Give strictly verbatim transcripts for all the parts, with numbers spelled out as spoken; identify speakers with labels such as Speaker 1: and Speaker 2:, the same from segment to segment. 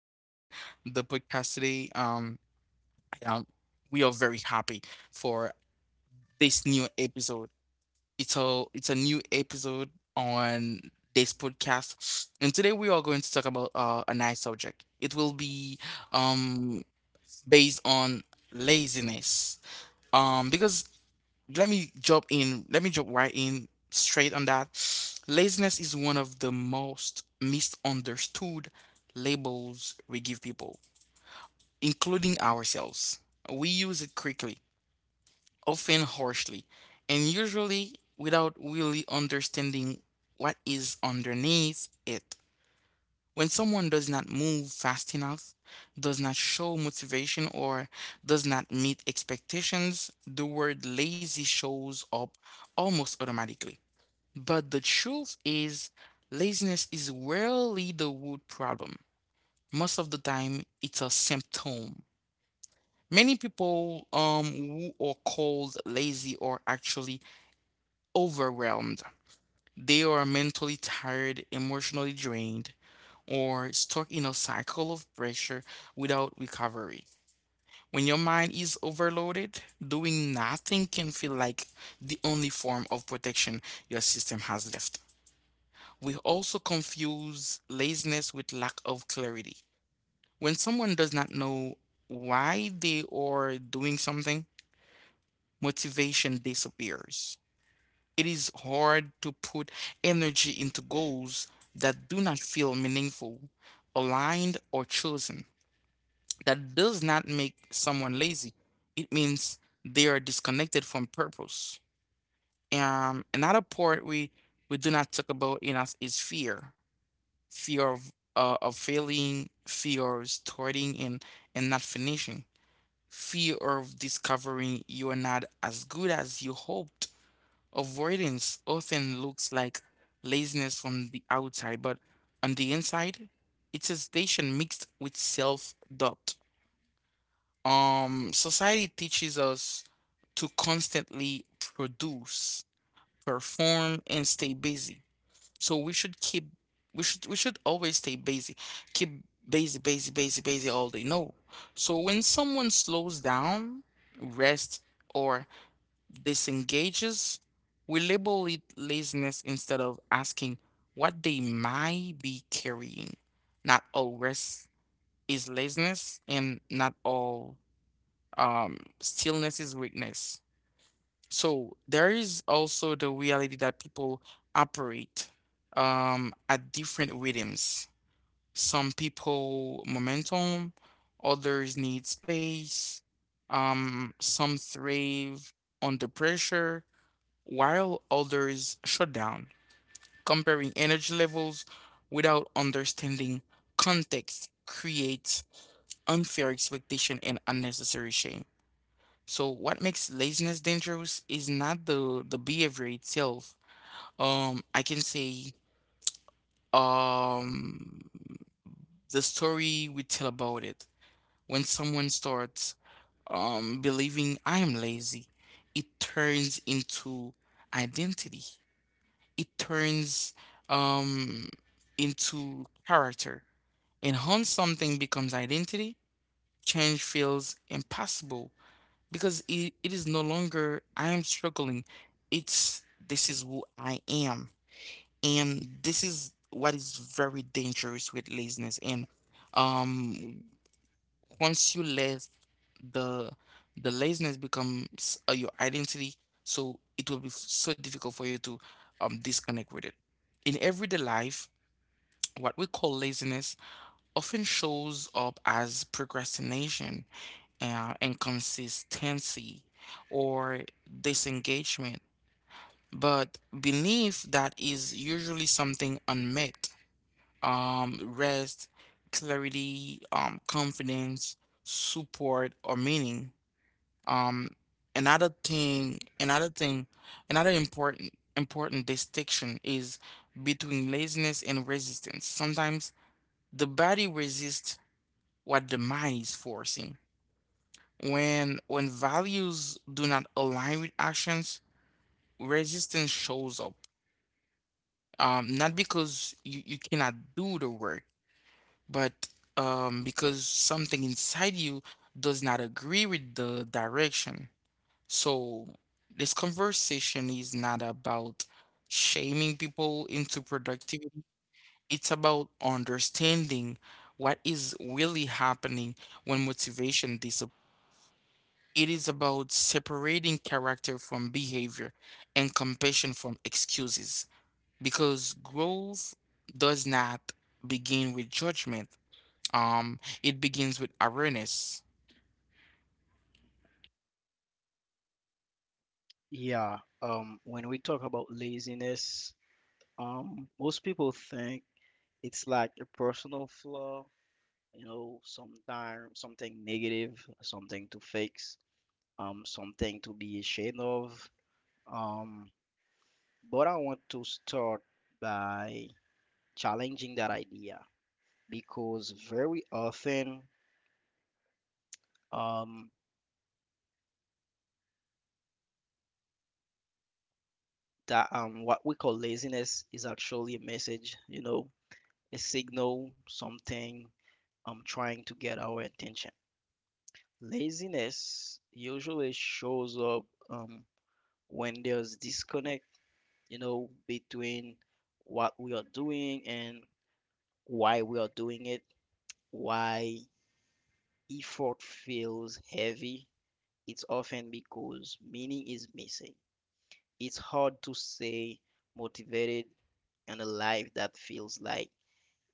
Speaker 1: joining the podcast today. Um, um, we are very happy for this new episode. It's a it's a new episode on this podcast, and today we are going to talk about uh, a nice subject. It will be um based on laziness. Um, because let me jump in. Let me jump right in straight on that. Laziness is one of the most misunderstood labels we give people, including ourselves. We use it quickly, often harshly, and usually without really understanding what is underneath it. When someone does not move fast enough, does not show motivation, or does not meet expectations, the word lazy shows up almost automatically. But the truth is, laziness is rarely the root problem. Most of the time, it's a symptom. Many people um, who are called lazy are actually overwhelmed. They are mentally tired, emotionally drained, or stuck in a cycle of pressure without recovery. When your mind is overloaded, doing nothing can feel like the only form of protection your system has left. We also confuse laziness with lack of clarity. When someone does not know why they are doing something, motivation disappears. It is hard to put energy into goals that do not feel meaningful, aligned, or chosen. That does not make someone lazy. It means they are disconnected from purpose. Um, another part we we do not talk about in us is fear, fear of uh, of failing, fear of starting and and not finishing, fear of discovering you are not as good as you hoped. Avoidance often looks like laziness from the outside, but on the inside, it's a station mixed with self doubt. Um, society teaches us to constantly produce, perform, and stay busy. So we should keep, we should, we should always stay busy, keep busy, busy, busy, busy all day. No. So when someone slows down, rests, or disengages, we label it laziness instead of asking what they might be carrying. Not all rest is laziness, and not all um stillness is weakness. So there is also the reality that people operate um at different rhythms. Some people momentum, others need space. Um some thrive under pressure while others shut down. Comparing energy levels without understanding context creates unfair expectation and unnecessary shame. So what makes laziness dangerous is not the the behavior itself. Um, I can say um the story we tell about it. When someone starts um believing I am lazy, it turns into identity. It turns um into character. And once something becomes identity, change feels impossible. Because it, it is no longer I am struggling. It's this is who I am. And this is what is very dangerous with laziness. And um Once you let the the laziness becomes uh, your identity, so it will be f- so difficult for you to um disconnect with it. In everyday life, what we call laziness often shows up as procrastination, uh, inconsistency or disengagement. But belief that is usually something unmet. Um, rest, clarity, um, confidence, support, or meaning. Um, another thing, another thing, another important important distinction is between laziness and resistance. Sometimes the body resists what the mind is forcing. When when values do not align with actions, resistance shows up. Um, not because you, you cannot do the work, but um, because something inside you does not agree with the direction. So this conversation is not about shaming people into productivity. It's about understanding what is really happening when motivation disappears. It is about separating character from behavior and compassion from excuses because growth does not begin with judgment. Um, it begins with awareness.
Speaker 2: Yeah, um, when we talk about laziness, um, most people think it's like a personal flaw, you know, sometime something negative, something to fix, um, something to be ashamed of. Um, but I want to start by challenging that idea because very often, um, that um, what we call laziness is actually a message, you know, a signal, something um trying to get our attention. Laziness usually shows up um, when there's disconnect, you know, between what we are doing and why we are doing it. Why effort feels heavy, it's often because meaning is missing. It's hard to stay motivated in a life that feels like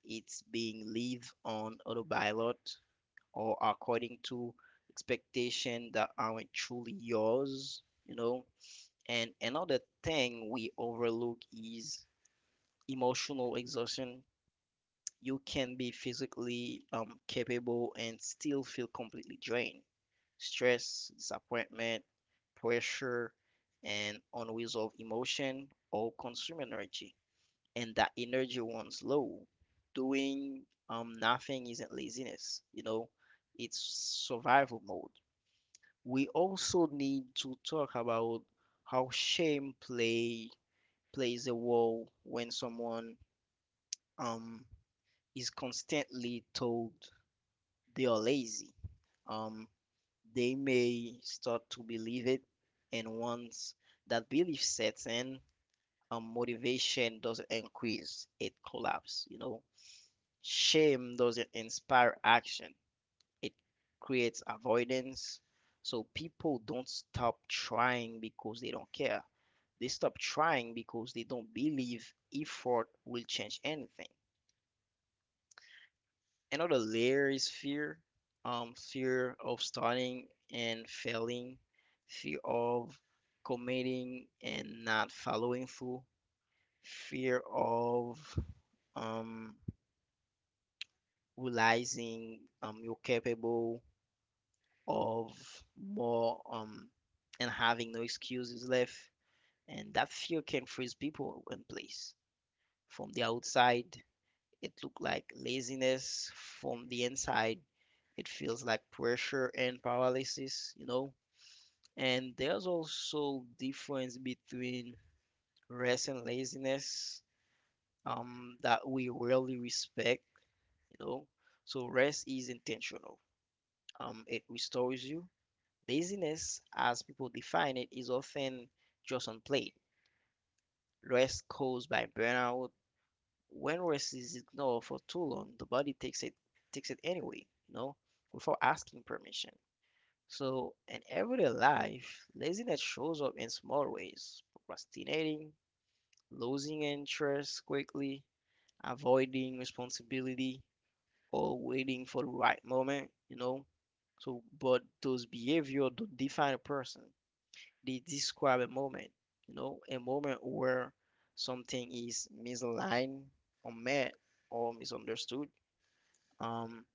Speaker 2: it's being lived on autopilot or according to expectations that aren't truly yours, you know And another thing we overlook is emotional exhaustion. You can be physically um, capable and still feel completely drained. Stress, disappointment, pressure, and unresolved emotion all consume energy. And that energy runs low. Doing um, nothing isn't laziness, you know, it's survival mode. We also need to talk about how shame play plays a role when someone um, is constantly told they are lazy. Um, they may start to believe it, and once that belief sets in, um, motivation doesn't increase, it collapses. You know, shame doesn't inspire action, it creates avoidance. So people don't stop trying because they don't care. They stop trying because they don't believe effort will change anything. Another layer is fear, um, fear of starting and failing, fear of committing and not following through, fear of um, realizing um, you're capable of more um, and having no excuses left. And that fear can freeze people in place from the outside It looks like laziness from the inside. It feels like pressure and paralysis, you know. And there's also difference between rest and laziness um, that we rarely respect, you know. So rest is intentional. Um, it restores you. Laziness, as people define it, is often just unplayed. Rest caused by burnout When rest is ignored for too long, the body takes it takes it anyway, you know, without asking permission. So in everyday life, laziness shows up in small ways: procrastinating, losing interest quickly, avoiding responsibility, or waiting for the right moment, you know. So, but those behavior don't define a person. They describe a moment, you know, a moment where something is misaligned, unmet, or misunderstood. Um,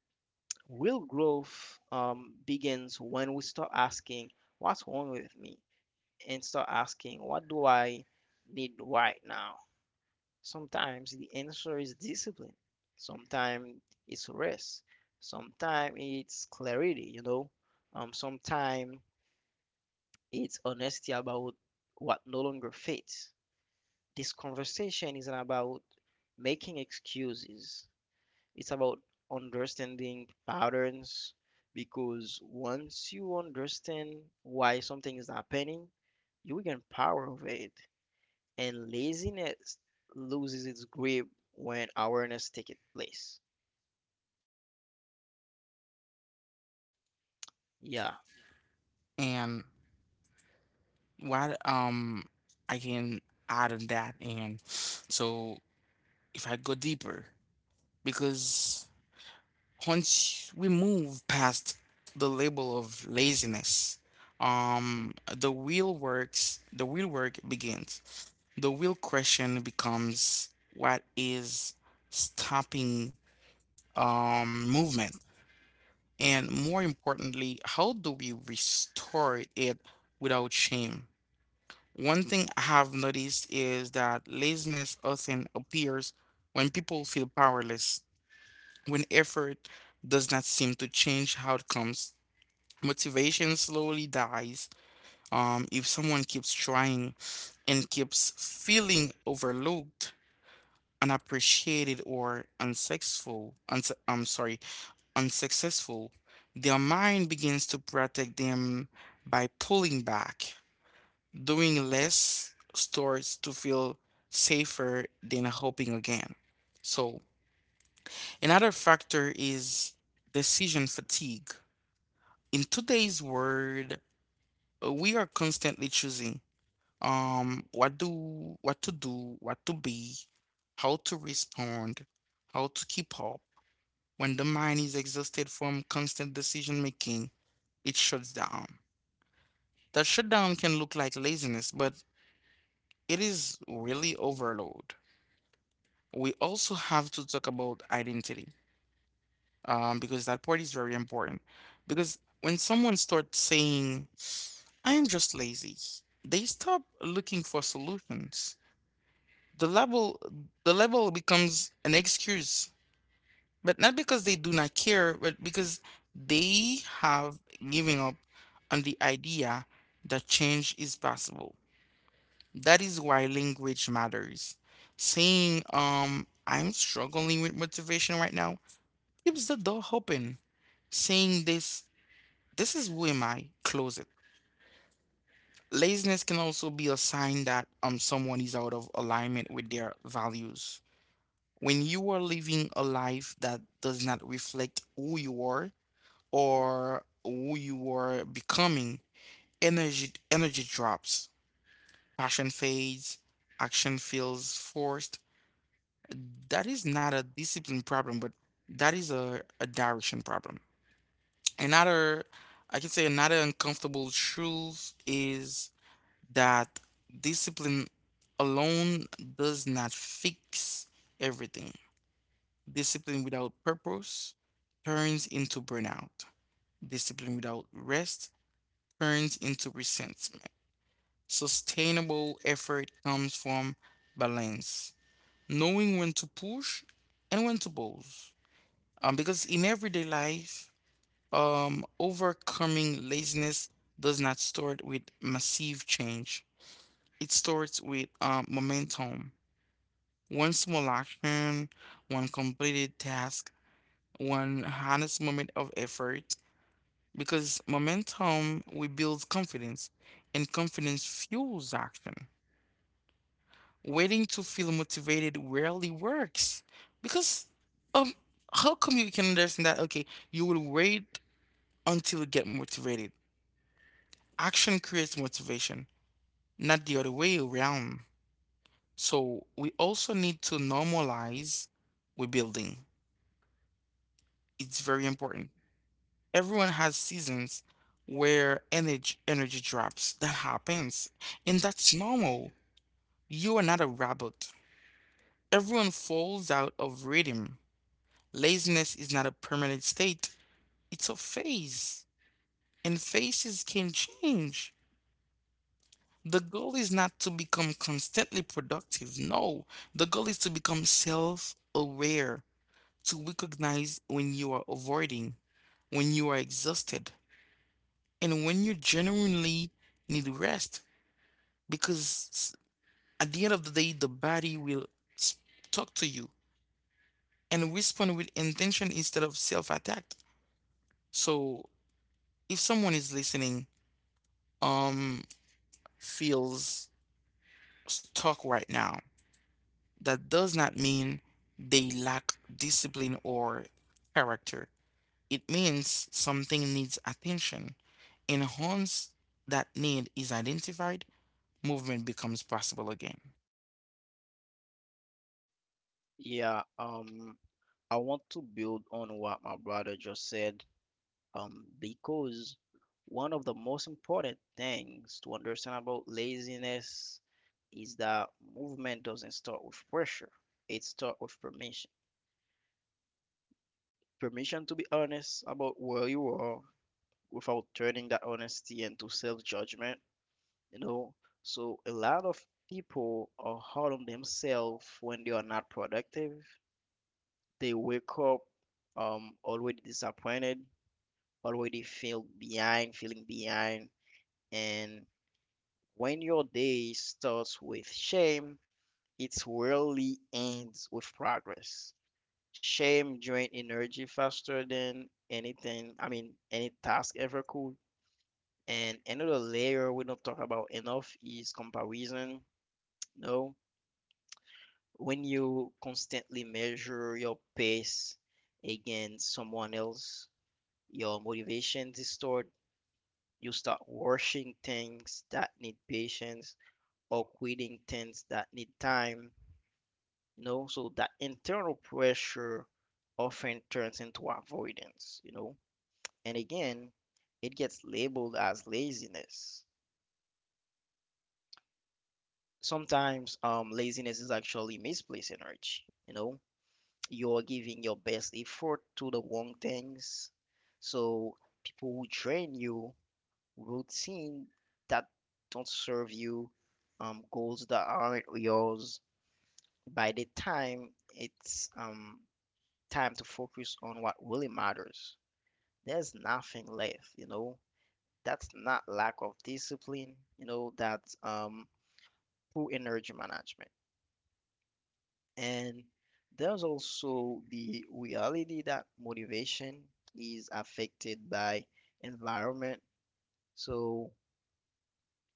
Speaker 2: real growth um, begins when we stop asking, what's wrong with me? And start asking, what do I need right now? Sometimes the answer is discipline, sometimes it's rest, sometimes it's clarity, you know, um, sometimes it's honesty about what no longer fits. This conversation isn't about making excuses, It's about understanding patterns because once you understand why something is happening, you gain power of it. And laziness loses its grip when awareness takes place. Yeah,
Speaker 1: And what um I can add on that, and so if I go deeper, because once we move past the label of laziness, um, the real works, the real work begins. The real question becomes what is stopping um, movement? And more importantly, how do we restore it without shame? One thing I have noticed is that laziness often appears when people feel powerless, when effort does not seem to change outcomes. Motivation slowly dies um, if someone keeps trying and keeps feeling overlooked, unappreciated, or unsuccessful. Uns- I'm sorry, unsuccessful. Their mind begins to protect them by pulling back. Doing less starts to feel safer than hoping again. So, another factor is decision fatigue. In today's world, uh, we are constantly choosing um what do what to do, what to be, how to respond, how to keep up. When the mind is exhausted from constant decision making, it shuts down. That shutdown can look like laziness, but it is really overload. We also have to talk about identity, um, because that part is very important. Because when someone starts saying I am just lazy, they stop looking for solutions. The level the level becomes an excuse, but not because they do not care, but because they have given up on the idea that change is possible. That is why language matters. Saying um I'm struggling with motivation right now keeps the door open. Saying this this is who am I close it. Laziness can also be a sign that um someone is out of alignment with their values. When you are living a life that does not reflect who you are or who you are becoming, energy energy drops, passion fades, action feels forced. That is not a discipline problem, but that is a, a direction problem. Another, I can say another uncomfortable truth is that discipline alone does not fix everything. Discipline without purpose turns into burnout. Discipline without rest turns into resentment. Sustainable effort comes from balance, knowing when to push and when to pause. Um, because in everyday life, um, overcoming laziness does not start with massive change. It starts with um, momentum. One small action, one completed task, one honest moment of effort. Because momentum rebuilds confidence, and confidence fuels action. Waiting to feel motivated rarely works. Because um how come you can understand that okay, you will wait until you get motivated. Action creates motivation, not the other way around. So we also need to normalize rebuilding. It's very important. Everyone has seasons where energy energy drops. That happens. And that's normal. You are not a robot. Everyone falls out of rhythm. Laziness is not a permanent state, it's a phase, and phases can change. The goal is not to become constantly productive. No, the goal is to become self aware, to recognize when you are avoiding, when you are exhausted, and when you genuinely need rest. Because s- at the end of the day, the body will s- talk to you and respond with intention instead of self-attack. So if someone is listening, um, feels stuck right now, that does not mean they lack discipline or character. It means something needs attention. And once that need is identified, movement becomes possible again.
Speaker 2: yeah. Um, I want to build on what my brother just said um, because one of the most important things to understand about laziness is that movement doesn't start with pressure. It starts with permission. Permission to be honest about where you are without turning that honesty into self-judgment, you know? So a lot of people are hard on themselves when they are not productive. They wake up um already disappointed, already feel behind, feeling behind, and when your day starts with shame, it rarely ends with progress. Shame drains energy faster than anything, I mean, any task ever could. And another layer we don't talk about enough is comparison. No, when you constantly measure your pace against someone else, your motivation distort. You start rushing things that need patience or quitting things that need time, you know so that internal pressure often turns into avoidance, you know and again it gets labeled as laziness. Sometimes um laziness is actually misplaced energy. You know you're giving your best effort to the wrong things. So people who train you, routine that don't serve you, um goals that aren't yours, by the time it's um time to focus on what really matters. There's nothing left, you know. That's not lack of discipline, you know, that's um poor energy management. And there's also the reality that motivation is affected by environment. So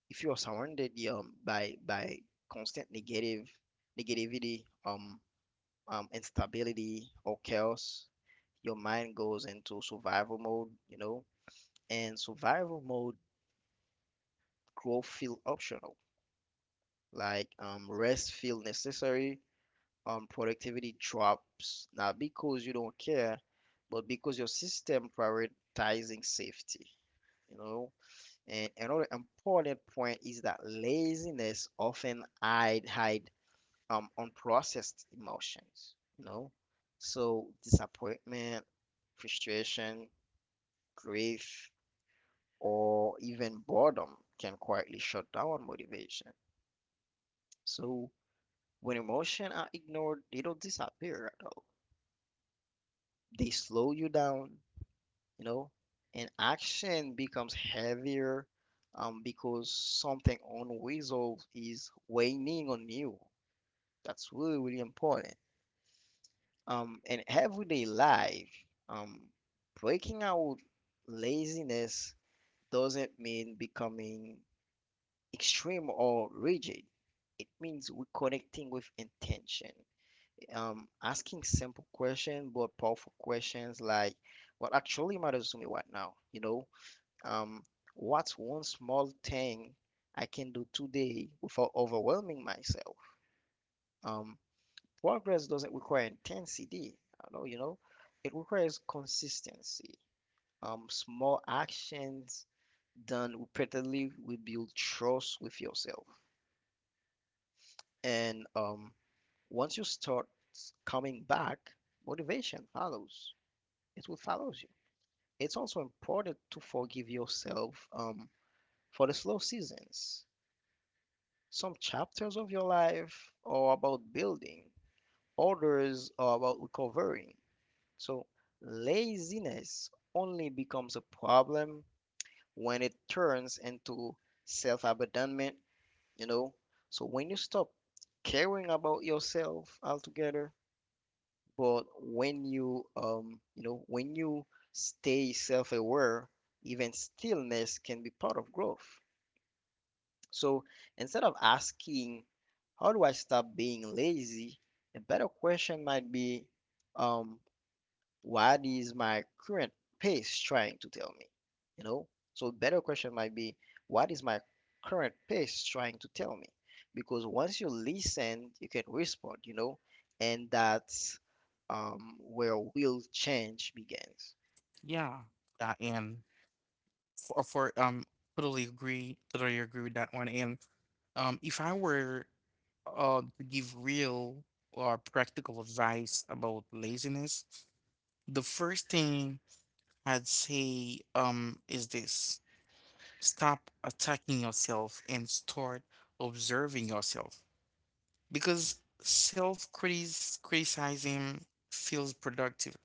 Speaker 2: if you're surrounded um, by by constant negative negativity, um, um, instability or chaos, your mind goes into survival mode, you know And survival mode, growth feel optional, like um, rest feel necessary, um, productivity drops, not because you don't care, but because your system prioritizing safety, you know. And another important point is that laziness often hide hide um, unprocessed emotions, you know. So disappointment, frustration, grief, or even boredom can quietly shut down motivation. So when emotion are ignored, they don't disappear at all. They slow you down, you know, and action becomes heavier um, because something unresolved is weighing on you. That's really, really important. Um, in everyday life, um, breaking out laziness doesn't mean becoming extreme or rigid. It means reconnecting with intention. um, asking simple questions, but powerful questions like what actually matters to me right now, you know? Um, what's one small thing I can do today without overwhelming myself? Um, progress doesn't require intensity, I know, you know? It requires consistency. Um, small actions done repeatedly will build trust with yourself. And um, once you start coming back, motivation follows. It will follow you. It's also important to forgive yourself um, for the slow seasons. Some chapters of your life are about building, others are about recovering. So, laziness only becomes a problem when it turns into self abandonment, you know. So, when you stop caring about yourself altogether, But when you, um, you know, when you stay self-aware, even stillness can be part of growth. So instead of asking, how do I stop being lazy? A better question might be, um, what is my current pace trying to tell me? You know? So better question might be, what is my current pace trying to tell me? Because once you listen, you can respond, you know? And that's um, where will change begins.
Speaker 1: Yeah. Uh, and for, for um totally agree, totally agree with that one. And um if I were Uh, to give real or practical advice about laziness, the first thing I'd say um, is this: stop attacking yourself and start observing yourself. Because self-criticizing feels productive,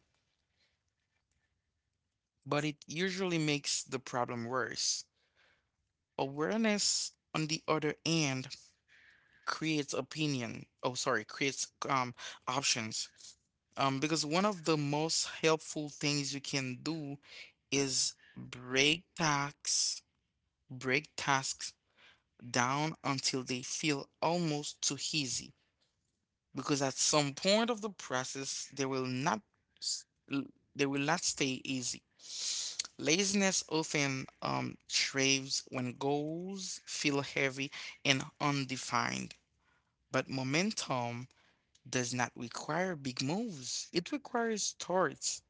Speaker 1: but it usually makes the problem worse. Awareness, on the other hand, creates opinion. Oh, sorry, creates um options. Um, because one of the most helpful things you can do is break tasks, break tasks down until they feel almost too easy. Because at some point of the process, they will not, s- l- they will not stay easy. Laziness often um, thrives when goals feel heavy and undefined, but momentum does not require big moves, it requires thoughts.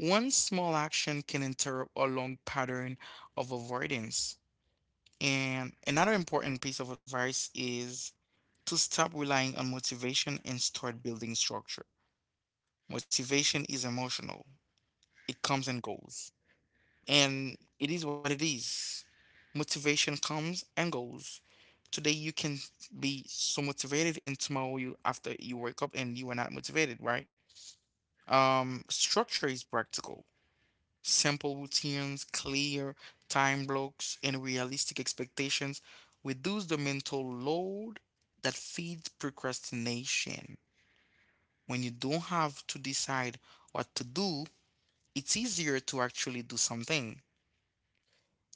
Speaker 1: One small action can interrupt a long pattern of avoidance. And another important piece of advice is to stop relying on motivation and start building structure. Motivation is emotional, it comes and goes, and it is what it is. Motivation comes and goes. Today you can be so motivated, and tomorrow you after you wake up and you are not motivated, right? Um, structure is practical. Simple routines, clear time blocks, and realistic expectations reduce the mental load that feeds procrastination. When you don't have to decide what to do, it's easier to actually do something.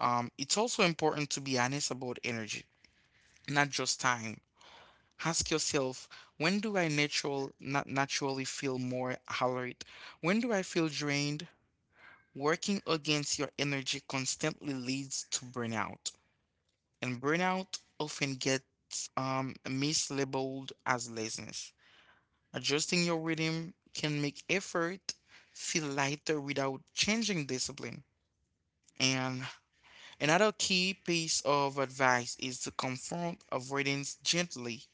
Speaker 1: Um, it's also important to be honest about energy, not just time. Ask yourself, when do I natural, not naturally feel more alert? When do I feel drained? Working against your energy constantly leads to burnout, and burnout often gets um, mislabeled as laziness. Adjusting your rhythm can make effort feel lighter without changing discipline. And another key piece of advice is to confront avoidance gently.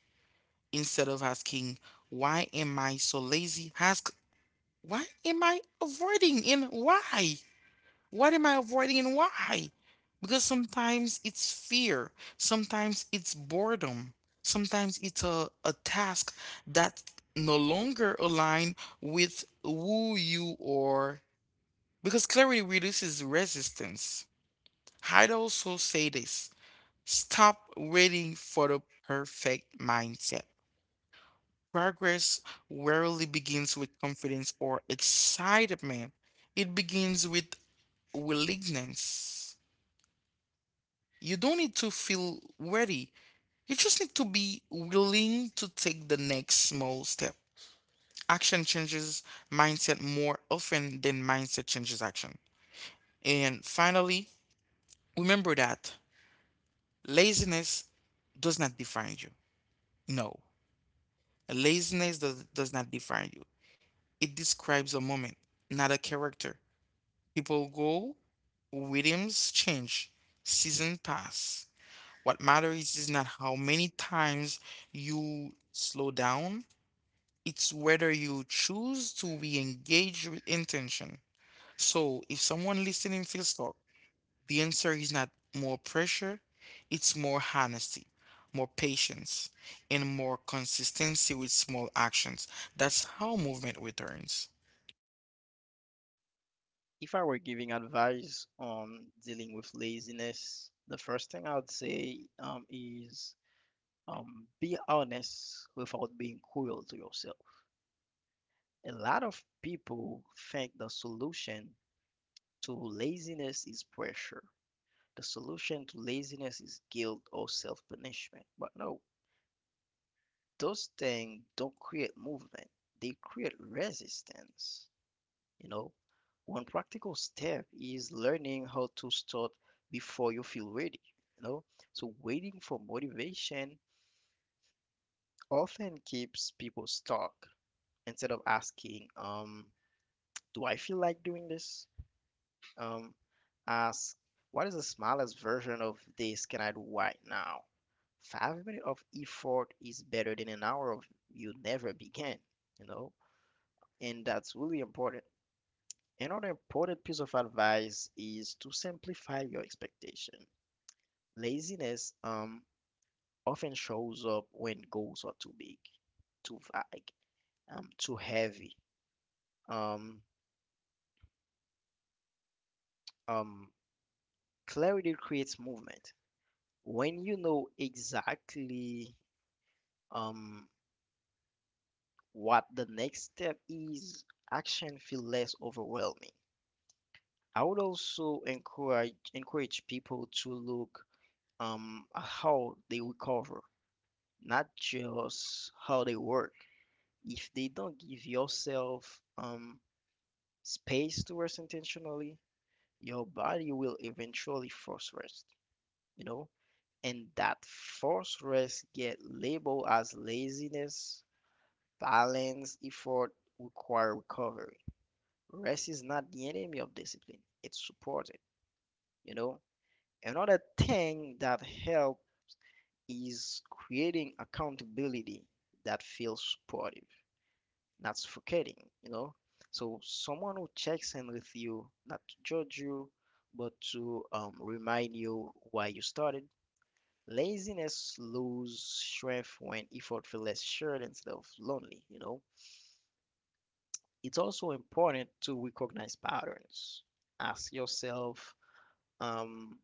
Speaker 1: Instead of asking, why am I so lazy? Ask, Why am I avoiding and why? What am I avoiding and why? Because sometimes it's fear, sometimes it's boredom, sometimes it's a, a task that no longer align with who you are. Because clarity reduces resistance. I'd also say this: stop waiting for the perfect mindset. Progress rarely begins with confidence or excitement, it begins with willingness. You don't need to feel ready. You just need to be willing to take the next small step. Action changes mindset more often than mindset changes action. And finally, remember that laziness does not define you. No, laziness does, does not define you. It describes a moment, not a character. People go, rhythms change, seasons pass. What matters is not how many times you slow down, it's whether you choose to be engaged with intention. So, if someone listening feels stuck, the answer is not more pressure, it's more honesty, more patience, and more consistency with small actions. That's how movement returns.
Speaker 2: If I were giving advice on dealing with laziness, the first thing I would say um, is um, be honest without being cruel to yourself. A lot of people think the solution to laziness is pressure. The solution to laziness is guilt or self-punishment. But no, those things don't create movement. They create resistance. You know, one practical step is learning how to start before you feel ready. You know, so waiting for motivation often keeps people stuck instead of asking, um, do I feel like doing this? Um, ask, what is the smallest version of this can I do right now? Five minutes of effort is better than an hour of you never began, you know? And that's really important. Another important piece of advice is to simplify your expectation. Laziness um, often shows up when goals are too big, too vague, um, too heavy. Um, um, clarity creates movement. When you know exactly um, what the next step is, action feel less overwhelming. I would also encourage encourage people to look um, at how they recover, not just how they work. If they don't give yourself um, space to rest intentionally, your body will eventually force rest, you know? And that forced rest get labeled as laziness, balance, effort, require recovery Rest is not the enemy of discipline, it's supported, you know. Another thing that helps is creating accountability that feels supportive, not suffocating, you know. So someone who checks in with you, not to judge you, but to um, remind you why you started. Laziness loses strength when effort feels less shared instead of lonely, you know. It's also important to recognize patterns. Ask yourself, um,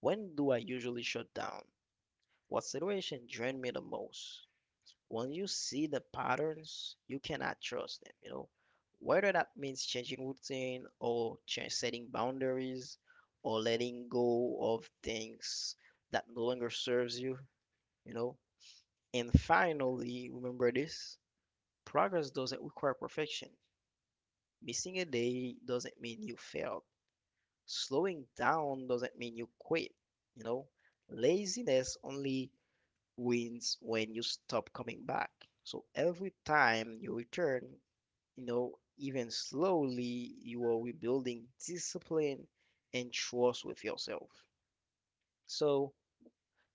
Speaker 2: when do I usually shut down? What situation drain me the most? When you see the patterns, you cannot trust them, you know? Whether that means changing routine or change setting boundaries or letting go of things that no longer serves you, you know? And finally, remember this, progress doesn't require perfection. Missing a day doesn't mean you failed. Slowing down doesn't mean you quit, you know? Laziness only wins when you stop coming back. So every time you return, you know, even slowly, you are rebuilding discipline and trust with yourself. So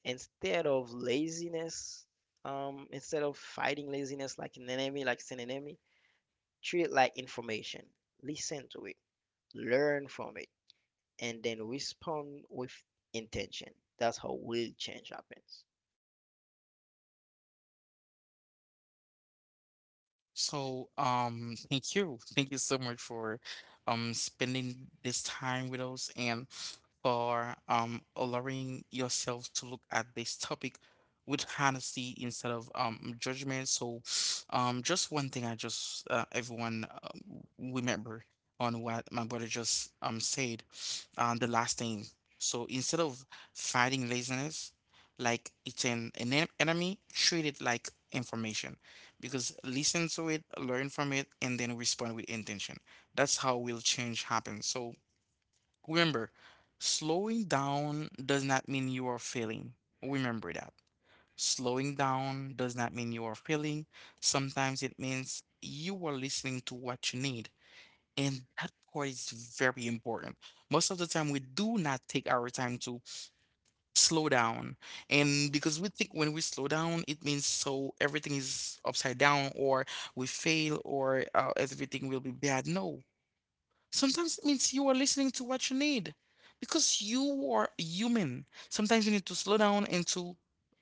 Speaker 2: instead of laziness, um, instead of fighting laziness like an enemy, like it's an enemy, treat it like information. Listen to it, learn from it, and then respond with intention. That's how will change happens.
Speaker 1: So, um, thank you. Thank you so much for um spending this time with us and for um, allowing yourself to look at this topic with honesty instead of um, judgment. So, um, just one thing I just uh, everyone um, remember on what my brother just um said, um, the last thing. So instead of fighting laziness, like it's an, an en- enemy, treat it like information because listen to it, learn from it, and then respond with intention. That's how will change happen. So remember, slowing down does not mean you are failing. Remember that. Slowing down does not mean you are failing. Sometimes it means you are listening to what you need. And that part is very important. Most of the time, we do not take our time to slow down. And because we think when we slow down, it means so everything is upside down or we fail or uh, everything will be bad. No, sometimes it means you are listening to what you need because you are human. Sometimes you need to slow down and to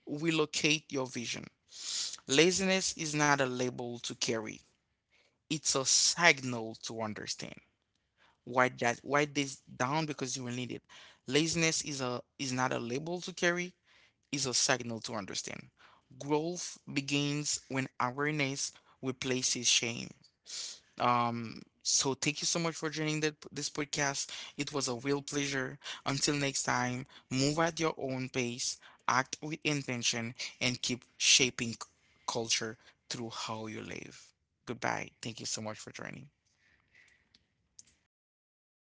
Speaker 1: relocate your vision. Laziness is not a label to carry, it's a signal to understand. Write that write this down because you will need it. Laziness is a is not a label to carry, is a signal to understand. Growth begins when awareness replaces shame. Um, so thank you so much for joining that, this podcast. It was a real pleasure. Until next time, move at your own pace, act with intention, and keep shaping c- culture through how you live. Goodbye. Thank you so much for joining.